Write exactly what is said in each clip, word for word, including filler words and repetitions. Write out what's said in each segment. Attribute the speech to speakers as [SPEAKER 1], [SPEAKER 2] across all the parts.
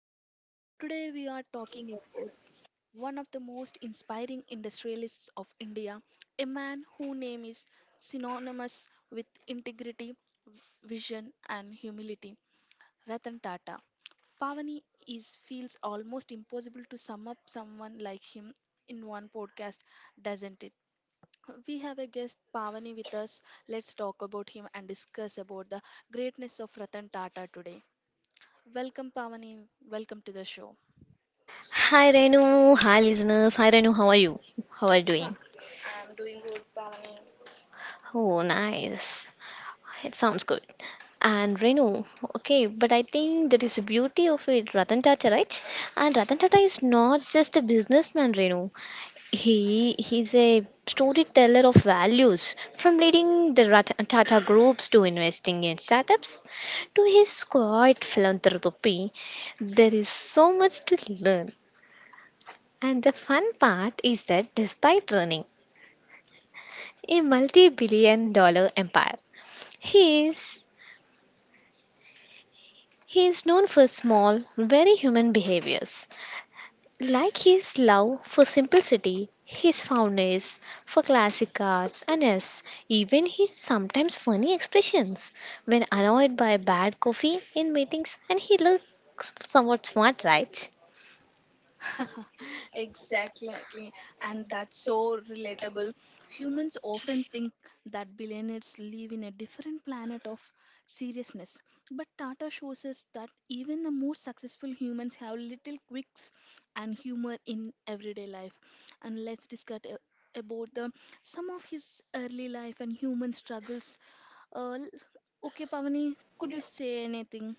[SPEAKER 1] episode. Today we are talking about one of the most inspiring industrialists of India, a man whose name is synonymous with integrity, vision, and humility, Ratan Tata. Pavani is feels almost impossible to sum up someone like him in one podcast, doesn't it? We have a guest Pavani with us. Let's talk about him and discuss about the greatness of Ratan Tata today. Welcome, Pavani. Welcome to the show.
[SPEAKER 2] Hi Renu, hi listeners. Hi Renu, how are you? How are you doing? Oh, nice. It sounds good. And Renu, okay, but I think that is the beauty of it, Ratan Tata, right? And Ratan Tata is not just a businessman, Renu. He he's a storyteller of values, from leading the Ratan Tata groups to investing in startups to his quiet philanthropy. There is so much to learn. And the fun part is that despite running a multi-billion dollar empire. He is he is known for small, very human behaviors, like his love for simplicity, his fondness for classic cars, and yes, even his sometimes funny expressions when annoyed by bad coffee in meetings. And he looks somewhat smart, right?
[SPEAKER 1] Exactly. And that's so relatable. Humans often think that billionaires live in a different planet of seriousness. But Tata shows us that even the most successful humans have little quirks and humor in everyday life. And let's discuss a- about the some of his early life and human struggles. Uh, okay, Pavani, could you say anything?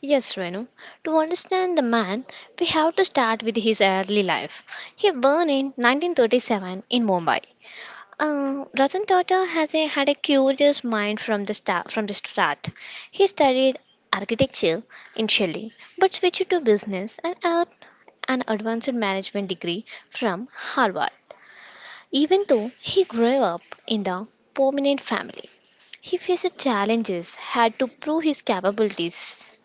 [SPEAKER 2] Yes, Renu. To understand the man, we have to start with his early life. He born in nineteen thirty-seven in Mumbai. Uh, Ratan Tata has a, had a curious mind from the start. From the start, he studied architecture initially, but switched to business and earned an advanced management degree from Harvard. Even though he grew up in a prominent family, he faced challenges, had to prove his capabilities.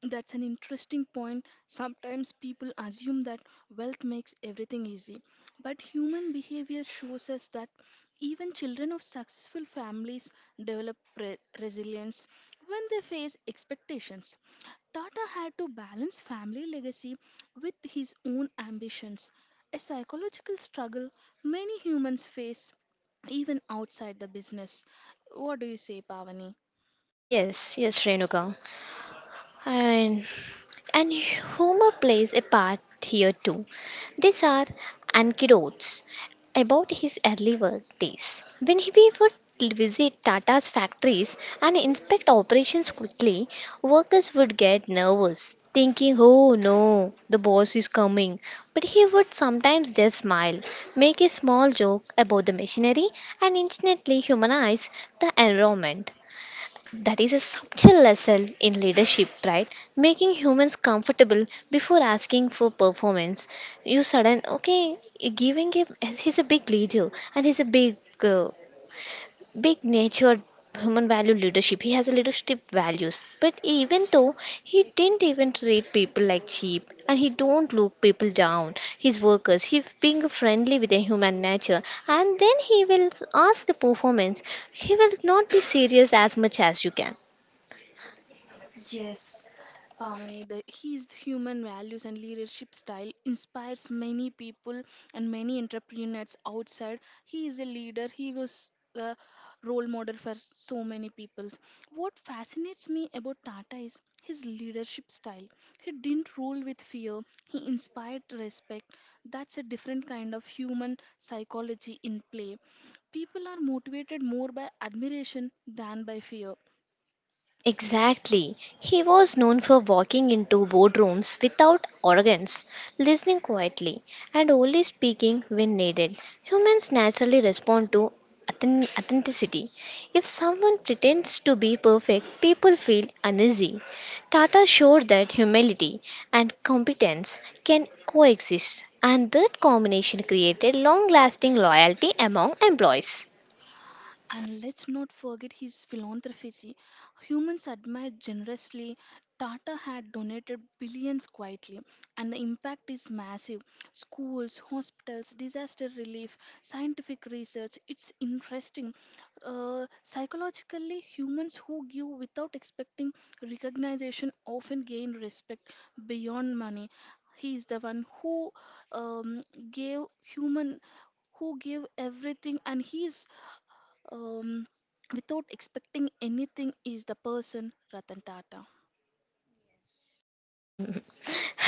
[SPEAKER 1] That's an interesting point. Sometimes people assume that wealth makes everything easy, but human behavior shows us that even children of successful families develop re- resilience when they face expectations. Tata had to balance family legacy with his own ambitions, a psychological struggle many humans face even outside the business. What do you say, Pavani?
[SPEAKER 2] Yes, yes, Renuka. And And humor plays a part here too. These are anecdotes about his early work days. When he we would visit Tata's factories and inspect operations quickly, workers would get nervous, thinking, oh no, the boss is coming. But he would sometimes just smile, make a small joke about the machinery, and instantly humanize the environment. That is a subtle lesson in leadership, right? Making humans comfortable before asking for performance. You sudden okay, you giving him. He's a big leader and he's a big, uh, big natured human value leadership. He has a leadership values, but even though he didn't even treat people like sheep and he don't look people down, his workers. He being friendly with the human nature, and then he will ask the performance. He will not be serious as much as you can.
[SPEAKER 1] Yes, Pavani, the, his human values and leadership style inspires many people and many entrepreneurs outside. He is a leader. He was a role model for so many people. What fascinates me about Tata is his leadership style. He didn't rule with fear. He inspired respect. That's a different kind of human psychology in play. People are motivated more by admiration than by fear.
[SPEAKER 2] Exactly. He was known for walking into boardrooms without arrogance, listening quietly, and only speaking when needed. Humans naturally respond to authen- authenticity. If someone pretends to be perfect, people feel uneasy. Tata showed that humility and competence can coexist, and that combination created long lasting loyalty among employees.
[SPEAKER 1] And let's not forget his philanthropy. Humans admire generously. Tata had donated billions quietly, and the impact is massive. Schools, hospitals, disaster relief, scientific research. It's interesting. Uh, psychologically, humans who give without expecting recognition often gain respect beyond money. He is the one who um, gave human who gave everything and he's um, without expecting anything is the person Ratan Tata.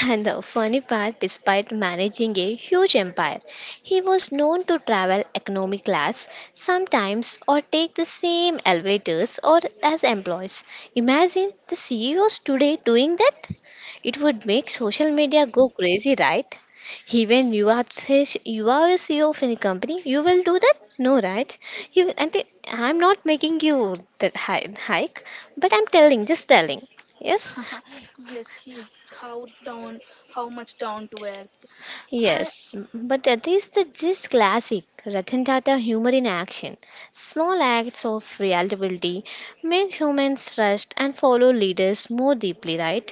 [SPEAKER 2] And the funny part, despite managing a huge empire, he was known to travel economy class sometimes or take the same elevators or as employees. Imagine the C E Os today doing that. It would make social media go crazy, right? Even you are say you are a C E O of any company, you will do that? No, right? You and I- I'm not making you that hi- hike, but I'm telling, just telling. Yes.
[SPEAKER 1] Yes, he's how down, how much down to earth.
[SPEAKER 2] Yes, but that is the just classic Ratan Tata humor in action. Small acts of reliability make humans trust and follow leaders more deeply, right?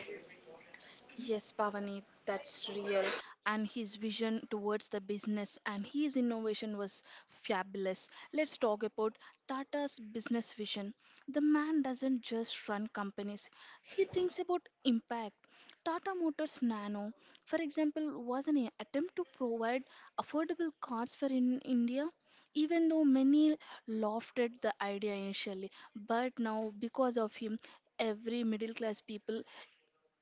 [SPEAKER 1] Yes, Pavani, that's real. And his vision towards the business and his innovation was fabulous. Let's talk about Tata's business vision. The man doesn't just run companies, he thinks about impact. Tata Motors Nano, for example, was an attempt to provide affordable cars for in India, even though many lofted the idea initially. But now, because of him, every middle class people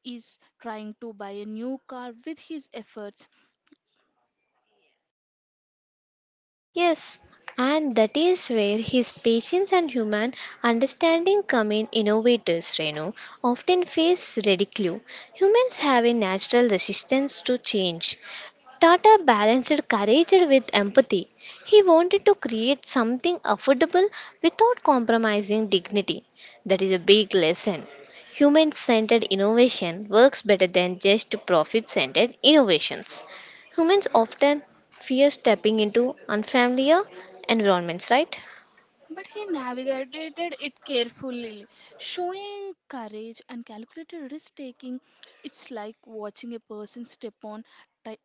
[SPEAKER 1] is trying to buy a new car with his efforts,
[SPEAKER 2] Yes, and that is where his patience and human understanding come in. Innovators, Reno, often face ridicule. Humans have a natural resistance to change. Tata balanced courage with empathy. He wanted to create something affordable without compromising dignity. That is a big lesson. Human centered innovation works better than just profit centered innovations. Humans often fear stepping into unfamiliar environments, right?
[SPEAKER 1] but he navigated it carefully, showing courage and calculated risk taking. It's like watching a person step on ti-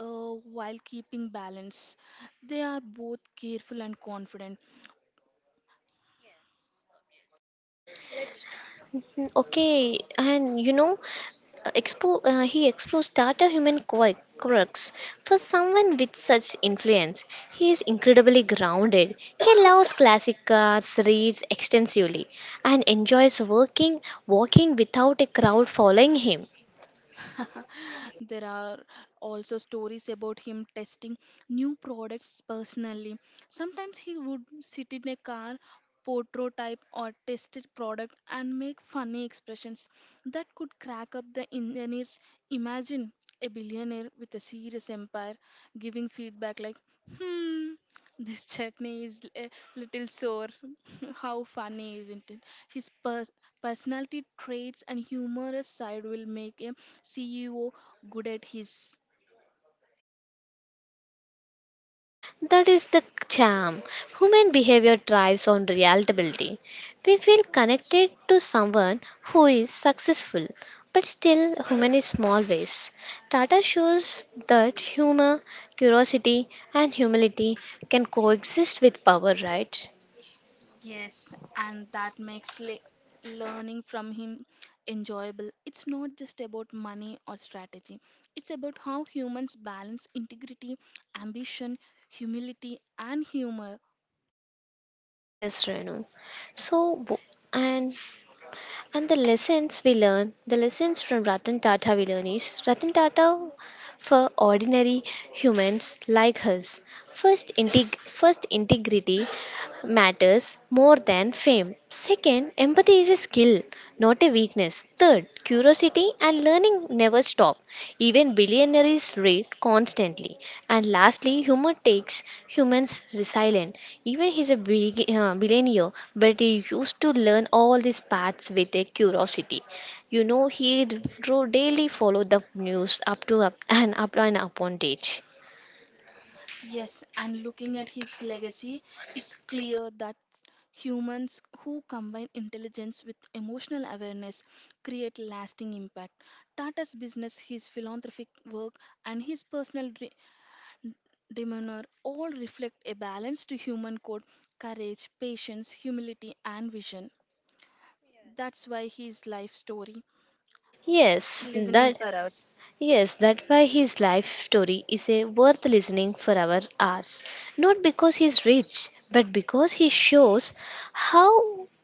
[SPEAKER 1] uh, while keeping balance. They are both careful and confident,
[SPEAKER 2] Mm, okay, and you know, uh, expo- uh, he explores data human quirk- quirks. For someone with such influence, he is incredibly grounded. He loves classic cars, reads extensively, and enjoys working walking without a crowd following him.
[SPEAKER 1] there are also stories about him testing new products personally. Sometimes he would sit in a car, prototype or test a product and make funny expressions that could crack up the engineers. Imagine a billionaire with a serious empire giving feedback like, hmm, this chutney is a little sore. How funny, isn't it? His pers- personality traits and humorous side will make a C E O good at his.
[SPEAKER 2] That is the charm. Human behavior thrives on relatability. We feel connected to someone who is successful but still human in small ways. Tata shows that humor, curiosity, and humility can coexist with power, right?
[SPEAKER 1] Yes, and that makes le- learning from him enjoyable. It's not just about money or strategy, it's about how humans balance integrity, ambition, humility, and humor.
[SPEAKER 2] Yes, Renu. So, bo- and And the lessons we learn, the lessons from Ratan Tata we learn is Ratan Tata for ordinary humans like us. First, integ- first integrity matters more than fame. Second, empathy is a skill, not a weakness. Third, curiosity and learning never stop. Even billionaires read constantly. And lastly, humor takes humans resilient. Even he's a big, uh, billionaire, but he used to learn all these paths with a curiosity. You know, he dro- daily followed the news up to up and up and upon date.
[SPEAKER 1] Yes, and looking at his legacy, it's clear that humans who combine intelligence with emotional awareness create lasting impact. Tata's business, his philanthropic work, and his personal re- demeanor all reflect a balanced human code courage, patience, humility, and vision. That's why his life story
[SPEAKER 2] Yes,
[SPEAKER 1] listening
[SPEAKER 2] that
[SPEAKER 1] for us.
[SPEAKER 2] yes, that why his life story is a worth listening for our hours. Not because he's rich, but because he shows how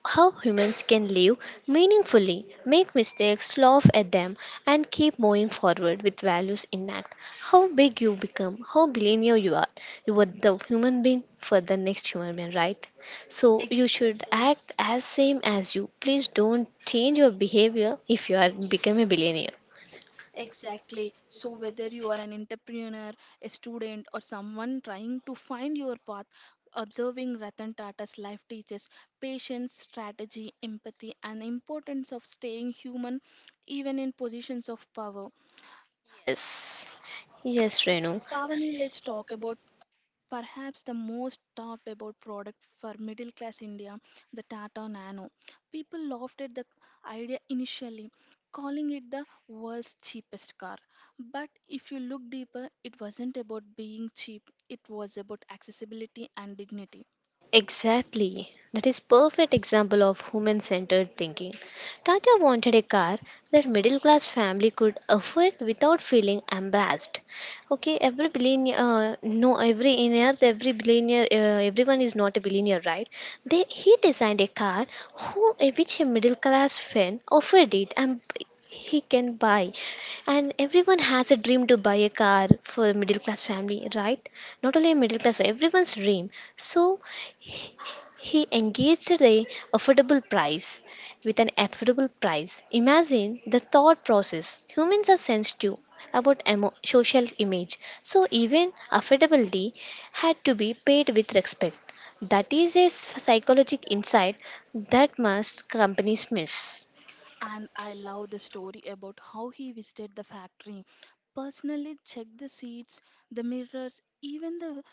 [SPEAKER 2] how humans can live meaningfully, make mistakes, laugh at them, and keep moving forward with values intact. How big you become, how billionaire you are, you are the human being for the next human being, right? So you should
[SPEAKER 1] Exactly.
[SPEAKER 2] act as same as you. Please don't change your behavior if you are become a billionaire.
[SPEAKER 1] Exactly. So, whether you are an entrepreneur, a student, or someone trying to find your path, observing Ratan Tata's life teaches patience, strategy, empathy, and the importance of staying human even in positions of power.
[SPEAKER 2] Yes. Yes, Renu.
[SPEAKER 1] Pavani, let's talk about perhaps the most talked about product for middle class India, the Tata Nano. People laughed at the idea initially, calling it the world's cheapest car. But if you look deeper, it wasn't about being cheap, it was about accessibility and dignity.
[SPEAKER 2] Exactly. That is perfect example of human-centered thinking. Tata wanted a car that middle-class family could afford without feeling embarrassed. Okay, every billionaire, uh, no, every billionaire, every billionaire, uh, everyone is not a billionaire, right? They he designed a car who, which a middle-class fan offered it and he can buy and everyone has a dream to buy a car for a middle class family, right? Not only a middle class, everyone's dream. So he engaged at a affordable price with an affordable price. Imagine the thought process. Humans are sensitive about emo- social image, so even affordability had to be paid with respect. That is a psychological insight that must companies miss.
[SPEAKER 1] And I love the story about how he visited the factory, personally checked the seats, the mirrors, even the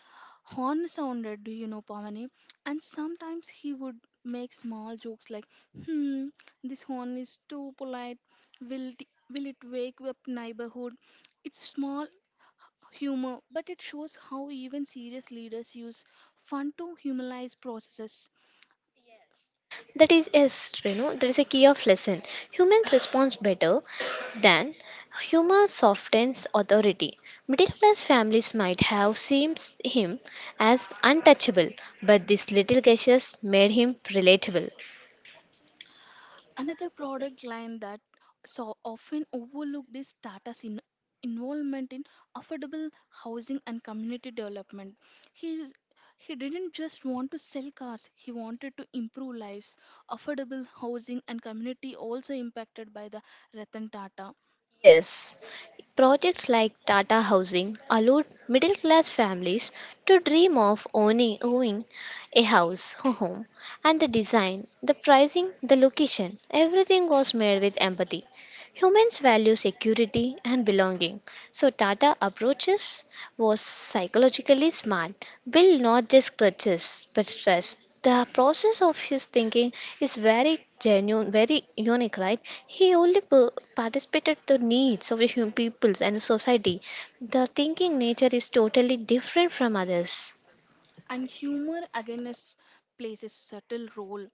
[SPEAKER 1] horn sounded, do you know, Pavani? And sometimes he would make small jokes like, hmm, this horn is too polite. Will it, will it wake up neighborhood? It's small humor, but it shows how even serious leaders use fun to humanize processes.
[SPEAKER 2] That is, is you know, That is a key of lesson. Humans respond better than humor softens authority. Middle class families might have seen him as untouchable, but these little gestures made him relatable.
[SPEAKER 1] Another product line that so often overlooked is Tata's in- involvement in affordable housing and community development. He is- he didn't just want to sell cars, he wanted to improve lives. Affordable housing and community also impacted by the Ratan Tata
[SPEAKER 2] Yes, projects like Tata Housing allowed middle class families to dream of owning, owning a house, a home, and the design, the pricing, the location, everything was made with empathy. Humans value security and belonging, so Tata approaches was psychologically smart, built not just clutches but stress. The process of his thinking is very genuine, very unique, right? He only p- participated the needs of the human peoples and the society. The thinking nature is totally different from others.
[SPEAKER 1] and humor against plays a subtle role.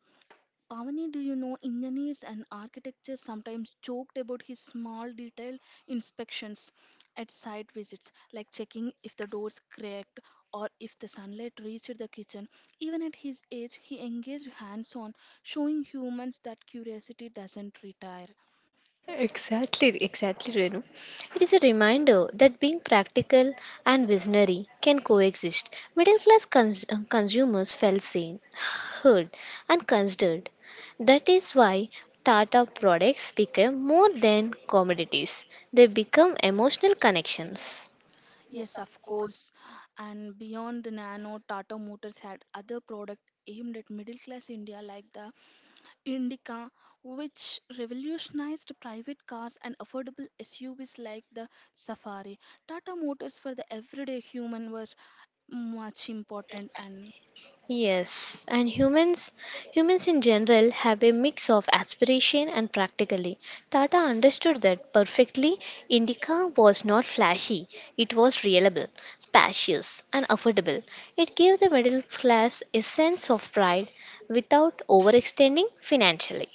[SPEAKER 1] Pavani, do you know engineers and architects sometimes joked about his small detailed inspections at site visits, like checking if the doors cracked or if the sunlight reached the kitchen. Even at his age, he engaged hands on, showing humans that curiosity doesn't retire.
[SPEAKER 2] Exactly, exactly, Renu. It is a reminder that being practical and visionary can coexist. Middle class cons- uh, consumers felt seen, heard, and considered. That is why Tata products become more than commodities, they become emotional connections.
[SPEAKER 1] Yes, of course. And beyond the Nano, Tata Motors had other products aimed at middle class India, like the Indica, which revolutionized private cars and affordable S U Vs like the Safari. Tata Motors for the everyday human were much important and
[SPEAKER 2] Yes, and humans humans in general have a mix of aspiration and practically. Tata understood that perfectly. Indica was not flashy, it was reliable, spacious, and affordable. It gave the middle class a sense of pride without overextending financially.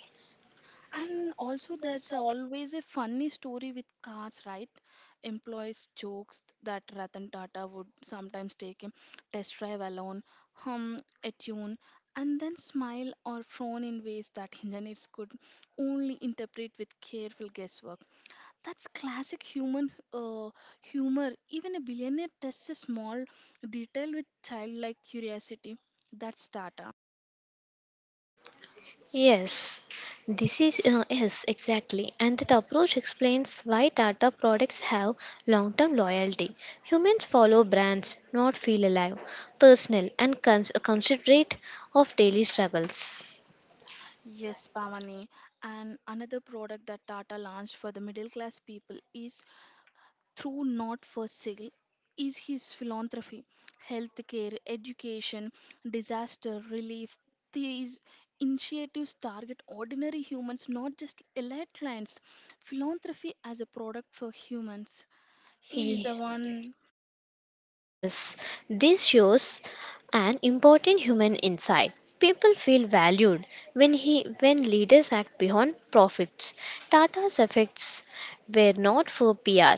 [SPEAKER 1] and also there's always a funny story with cars, right? Employees jokes that Ratan Tata would sometimes take him test drive alone, hum a tune, and then smile or frown in ways that engineers could only interpret with careful guesswork. That's classic human uh, humor. Even a billionaire tests a small detail with childlike curiosity. That's Tata.
[SPEAKER 2] Yes, this is uh, yes exactly, And that approach explains why Tata products have long-term loyalty. Humans follow brands, not feel alive, personal, and cons- considerate of daily struggles.
[SPEAKER 1] Yes, Pavani. And another product that Tata launched for the middle class people is through not for sale is his philanthropy, healthcare, education, disaster relief. These initiatives target ordinary humans, not just elite clients. Philanthropy as a product for humans. He is the one,
[SPEAKER 2] Yes, this shows an important human insight. People feel valued when he when leaders act beyond profits. Tata's effects were not for P R.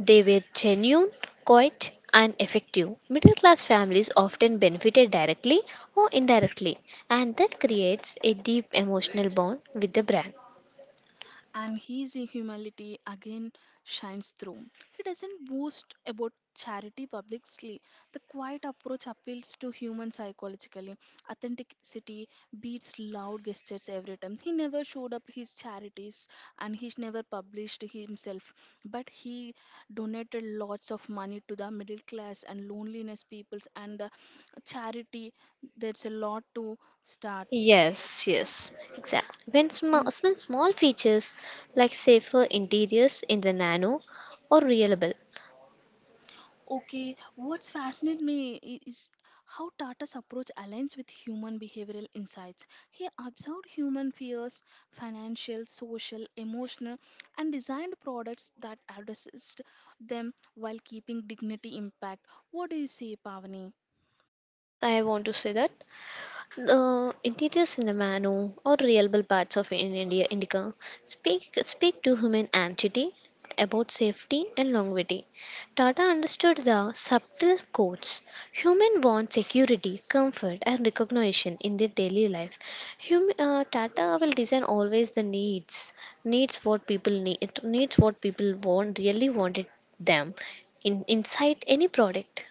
[SPEAKER 2] They were genuine, quiet and effective. Middle class families often benefited directly or indirectly and that creates a deep emotional bond with the brand.
[SPEAKER 1] and his humility again shines through. He doesn't boast about charity publicly. The quiet approach appeals to human psychologically. Authenticity beats loud gestures every time. He never showed up his charities and he never published himself, but he donated lots of money to the middle class and loneliness peoples and the charity. There's a lot to start.
[SPEAKER 2] Yes, yes, exactly. When small,
[SPEAKER 1] Mm.
[SPEAKER 2] when small features like safer interiors in the Nano or reliable.
[SPEAKER 1] Okay, what's fascinated me i- is how Tata's approach aligns with human behavioral insights. He observed human fears, financial, social, emotional, and designed products that addressed them while keeping dignity intact. What do you say, Pavani?
[SPEAKER 2] Yes, I want to say that. The interior cinnamon or reliable parts of in India Indica speak speak to human entity about safety and longevity. Tata understood the subtle codes. Human want security, comfort, and recognition in their daily life. Hum, uh, Tata will design always the needs, needs what people need, needs what people want, really wanted them in, inside any product.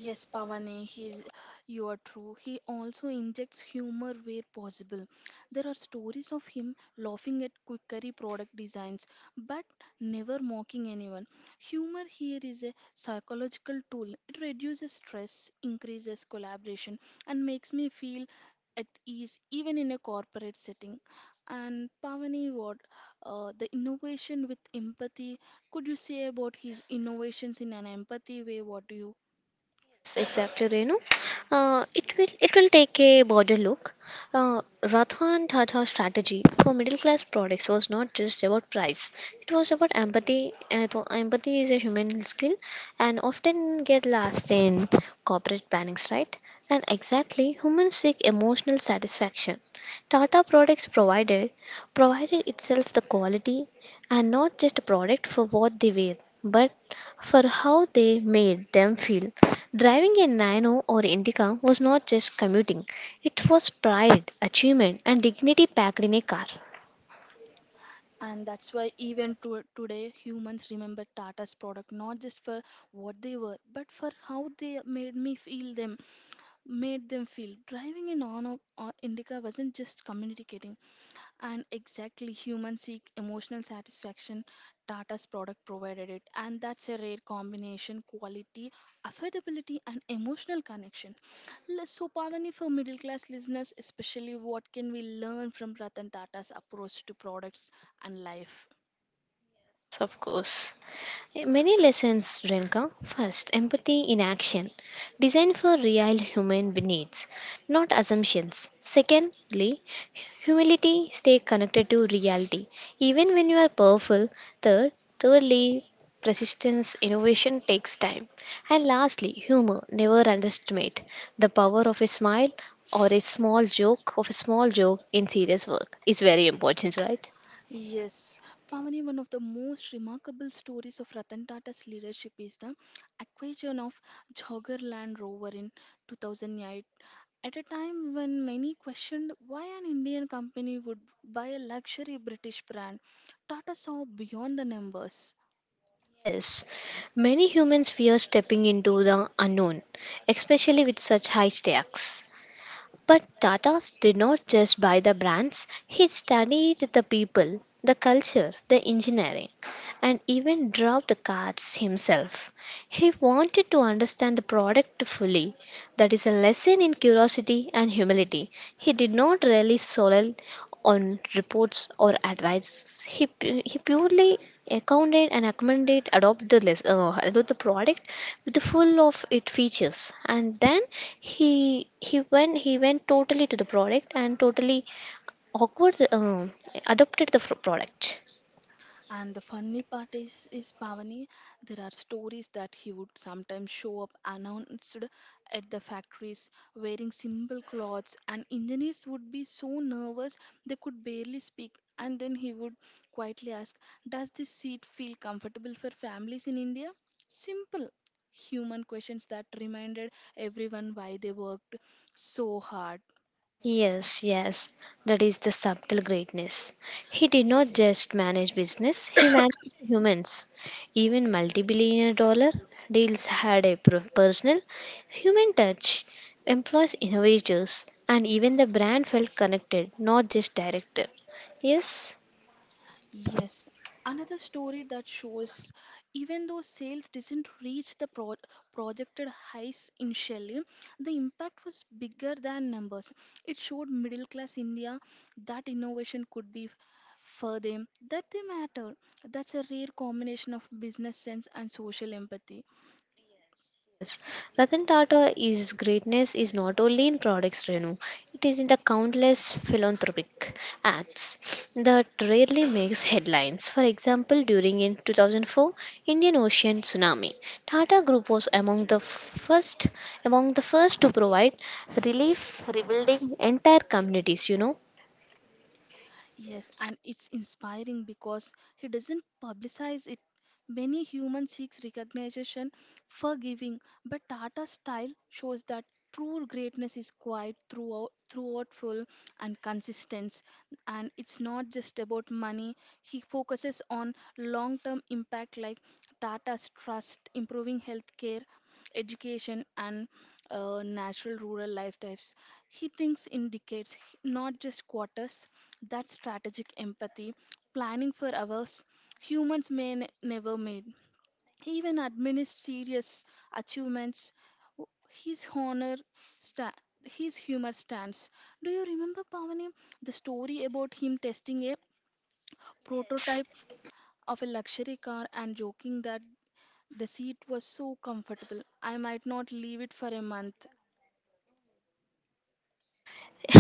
[SPEAKER 1] Yes, Pavane, he's you are true. He also injects humor where possible. There are stories of him laughing at quickery product designs, but never mocking anyone. Humor here is a psychological tool. It reduces stress, increases collaboration, and makes me feel at ease even in a corporate setting. And Pavani, what uh, the innovation with empathy? Could you say about his innovations in an empathy way? What do you
[SPEAKER 2] Yes, exactly, Renu. Uh, it will it will take a broader look. Uh, Ratha and Tata strategy for middle class products was not just about price; it was about empathy. Uh, th- empathy is a human skill, and often get lost in corporate plannings, right? And exactly, humans seek emotional satisfaction. Tata products provided provided itself the quality, and not just a product for what they wear, but for how they made them feel. Driving a Nano or Indica was not just commuting, it was pride, achievement, and dignity packed in a car.
[SPEAKER 1] and that's why even to, today humans remember Tata's product not just for what they were, but for how they made me feel them, made them feel. Driving in on on Indica wasn't just communicating, and exactly humans seek emotional satisfaction. Tata's product provided it, and that's a rare combination: quality, affordability, and emotional connection. Let's- So, Pavani, for middle class listeners, especially, what can we learn from Ratan Tata's approach to products and life?
[SPEAKER 2] Yes, of course. Eh, Many lessons, Renka. First, empathy in action, designed for real human needs, not assumptions. Secondly, humility, stay connected to reality, even when you are powerful. Third, Thirdly, persistence, innovation takes time. And lastly, humor, never underestimate the power of a smile or a small joke of a small joke in serious work is very important, right?
[SPEAKER 1] Yes, Pavani, one of the most remarkable stories of Ratan Tata's leadership is the acquisition of Jogger Land Rover in two thousand eight. At a time when many questioned why an Indian company would buy a luxury British brand, Tata saw beyond the numbers.
[SPEAKER 2] Yes, many humans fear stepping into the unknown, especially with such high stakes. But Tata did not just buy the brands, he studied the people, the culture, the engineering, and even drove the cars himself. He wanted to understand the product fully. That is a lesson in curiosity and humility. He did not rely solely on reports or advice. He, pu- he purely accounted and accommodate adopt the, les- uh, adopt the product with the full of its features and then he he went he went totally to the product and totally awkward um, adopted the fr- product.
[SPEAKER 1] And the funny part is, is Pavani, there are stories that he would sometimes show up announced at the factories wearing simple clothes, and engineers would be so nervous they could barely speak. And then he would quietly ask, does this seat feel comfortable for families in India? Simple human questions that reminded everyone why they worked so hard.
[SPEAKER 2] Yes, yes, that is the subtle greatness. He did not just manage business, he managed humans. Even multi billion dollar deals had a per- personal human touch, employs innovators, and even the brand felt connected, not just directed. Yes.
[SPEAKER 1] Yes, another story that shows even though sales didn't reach the pro- projected highs initially, the impact was bigger than numbers. It showed middle class India that innovation could be f- for them, that they matter. That's a rare combination of business sense and social empathy.
[SPEAKER 2] Yes, Ratan Tata is greatness is not only in products, Renu. It is in the countless philanthropic acts that rarely makes headlines. For example, during in two thousand four Indian Ocean tsunami, Tata Group was among the first among the first to provide relief, rebuilding entire communities. You know.
[SPEAKER 1] Yes, and it's inspiring because he doesn't publicize it. Many human seeks recognition for giving, but Tata's style shows that true greatness is quiet throughout thoughtful and consistent, and it's not just about money. He focuses on long term impact like Tata's trust improving healthcare, education, and uh, natural rural lifestyles. He thinks in decades, not just quarters. That strategic empathy, planning for others humans may n- never made. Even amidst serious achievements, w- his honor, sta- his humor stands. Do you remember, Pavani, the story about him testing a yes
[SPEAKER 2] Yes.
[SPEAKER 1] prototype of a luxury car and joking that the seat was so comfortable, I might not leave it for a month?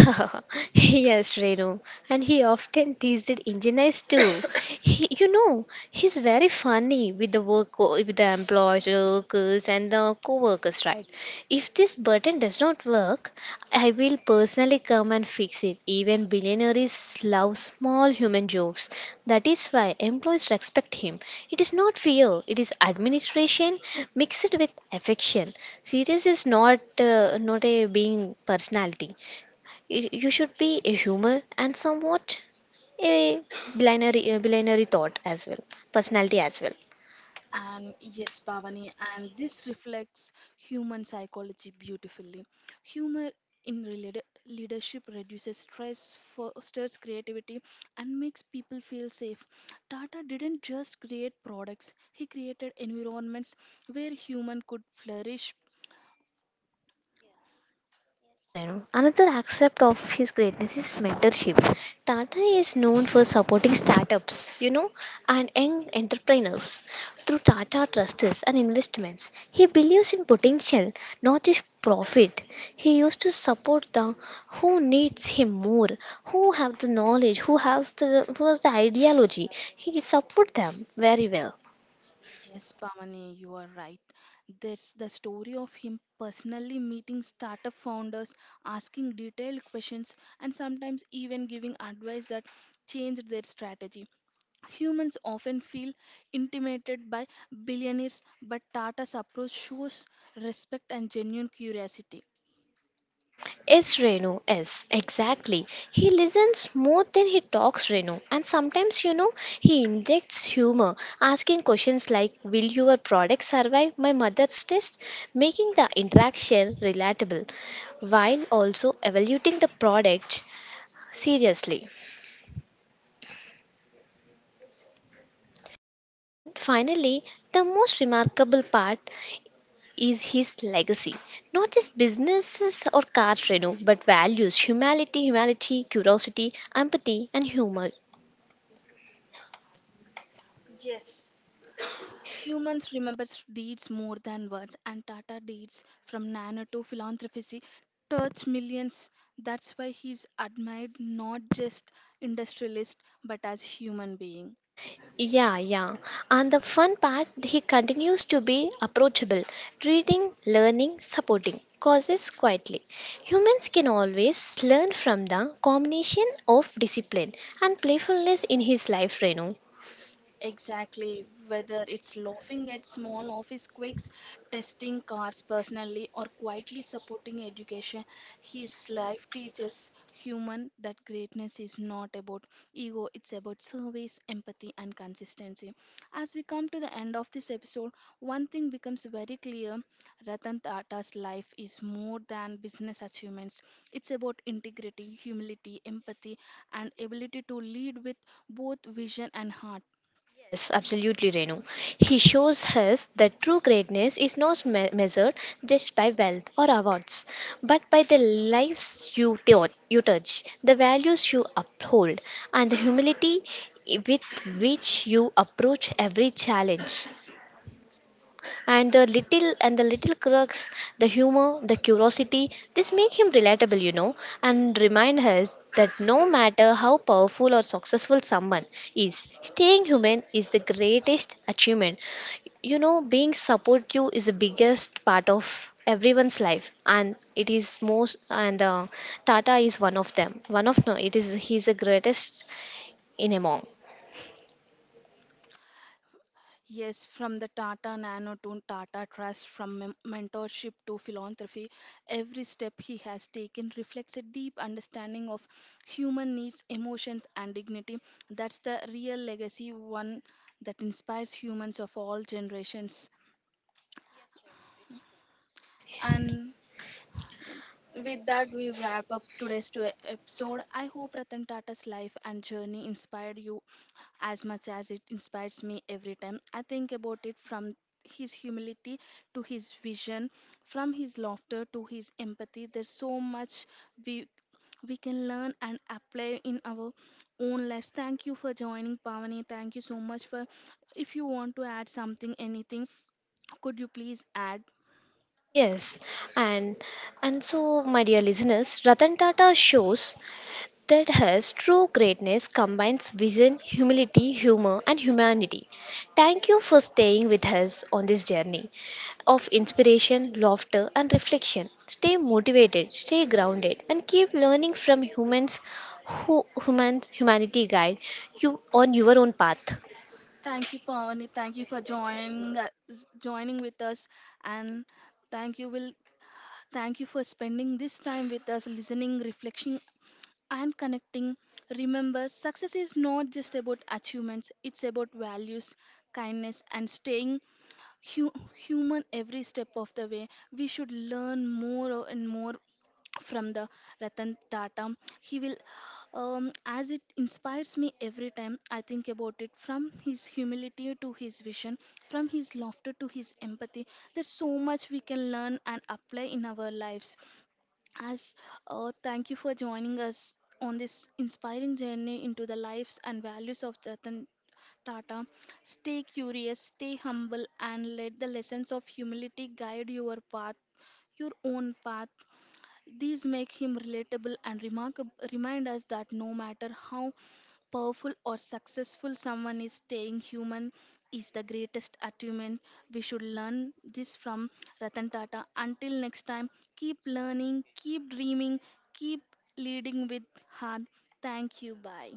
[SPEAKER 2] Yes, Renu, and he often teased engineers too. He, you know, he's very funny with the work with the employees, workers, and the co-workers, right? If this button does not work, I will personally come and fix it. Even billionaires love small human jokes. That is why employees respect him. It is not fear; it is administration mixed with affection. Serious is not uh, not a being personality, y- you should be a humor and somewhat a binary, a binary thought as well personality as well.
[SPEAKER 1] And yes, Pavani, and this reflects human psychology beautifully. Humor in rela- leadership reduces stress, fosters creativity, and makes people feel safe. Tata didn't just create products, he created environments where human could flourish.
[SPEAKER 2] Renu. Another aspect of his greatness is mentorship. Tata is known for supporting startups, you know, and young entrepreneurs through Tata Trusts and investments. He believes in potential, not just profit. He used to support the who needs him more, who have the knowledge, who has the who has the ideology. He support them very well.
[SPEAKER 1] Yes, Pamani, you are right. There's the story of him personally meeting startup founders, asking detailed questions, and sometimes even giving advice that changed their strategy. Humans often feel intimidated by billionaires, but Tata's approach shows respect and genuine curiosity.
[SPEAKER 2] Yes, Renu. Yes, exactly. He listens more than he talks, Renu. And sometimes, you know, he injects humor, asking questions like, will your product survive my mother's test? Making the interaction relatable while also evaluating the product seriously. And finally, the most remarkable part is his legacy. Not just businesses or cars, Renu, but values humanity, humanity, curiosity, empathy, and humor.
[SPEAKER 1] Humans remember deeds more than words, and Tata deeds from Nana to philanthropy touch millions. That's why he's admired not just industrialist but as human being.
[SPEAKER 2] Yeah, yeah. And the fun part, he continues to be approachable, reading, learning, supporting causes quietly. Humans can always learn from the combination of discipline and playfulness in his life, Renu.
[SPEAKER 1] Exactly, whether it's laughing at small office quirks, testing cars personally, or quietly supporting education, his life teaches human that greatness is not about ego, it's about service, empathy, and consistency. As we come to the end of this episode, one thing becomes very clear: Ratan Tata's life is more than business achievements, it's about integrity, humility, empathy, and ability to lead with both vision and heart.
[SPEAKER 2] Yes, absolutely, Renu. He shows us that true greatness is not me- measured just by wealth or awards, but by the lives you, tou- you touch, the values you uphold, and the humility with which you approach every challenge, and the little and the little crux, the humor, the curiosity, this make him relatable, you know, and remind us that no matter how powerful or successful someone is, staying human is the greatest achievement. You know, being supportive is the biggest part of everyone's life, and it is most, and uh, Tata is one of them one of no it is he's the greatest in among.
[SPEAKER 1] Yes, from the Tata Nano to Tata Trust, from men- mentorship to philanthropy, every step he has taken reflects a deep understanding of human needs, emotions, and dignity. That's the real legacy, one that inspires humans of all generations. And with that, we wrap up today's to- episode. I hope Ratan Tata's life and journey inspired you as much as it inspires me every time. I think about it from his humility to his vision, from his laughter to his empathy. There's so much we we can learn and apply in our own lives. Thank you for joining, Pavani. Thank you so much for. If you want to add something, anything, could you please add?
[SPEAKER 2] Yes, and and so, my dear listeners, Ratan Tata shows that has true greatness combines vision, humility, humor, and humanity. Thank you for staying with us on this journey of inspiration, laughter, and reflection. Stay motivated, stay grounded, and keep learning from humans who humans humanity guide you on your own path.
[SPEAKER 1] Thank you, Pawani. Thank you for joining us, joining with us, and thank you will thank you for spending this time with us, listening, reflecting, and connecting. Remember, success is not just about achievements; it's about values, kindness, and staying hu- human every step of the way. We should learn more and more from the Ratan Tata. He will, um, as it inspires me every time I think about it, from his humility to his vision, from his laughter to his empathy. There's so much we can learn and apply in our lives. As uh, Thank you for joining us on this inspiring journey into the lives and values of Ratan Tata. Stay curious, stay humble, and let the lessons of humility guide your path, your own path. These make him relatable and remarkable, remind us that no matter how powerful or successful someone is, staying human is the greatest achievement. We should learn this from Ratan Tata. Until next time, keep learning, keep dreaming, keep leading with heart. Thank you. Bye.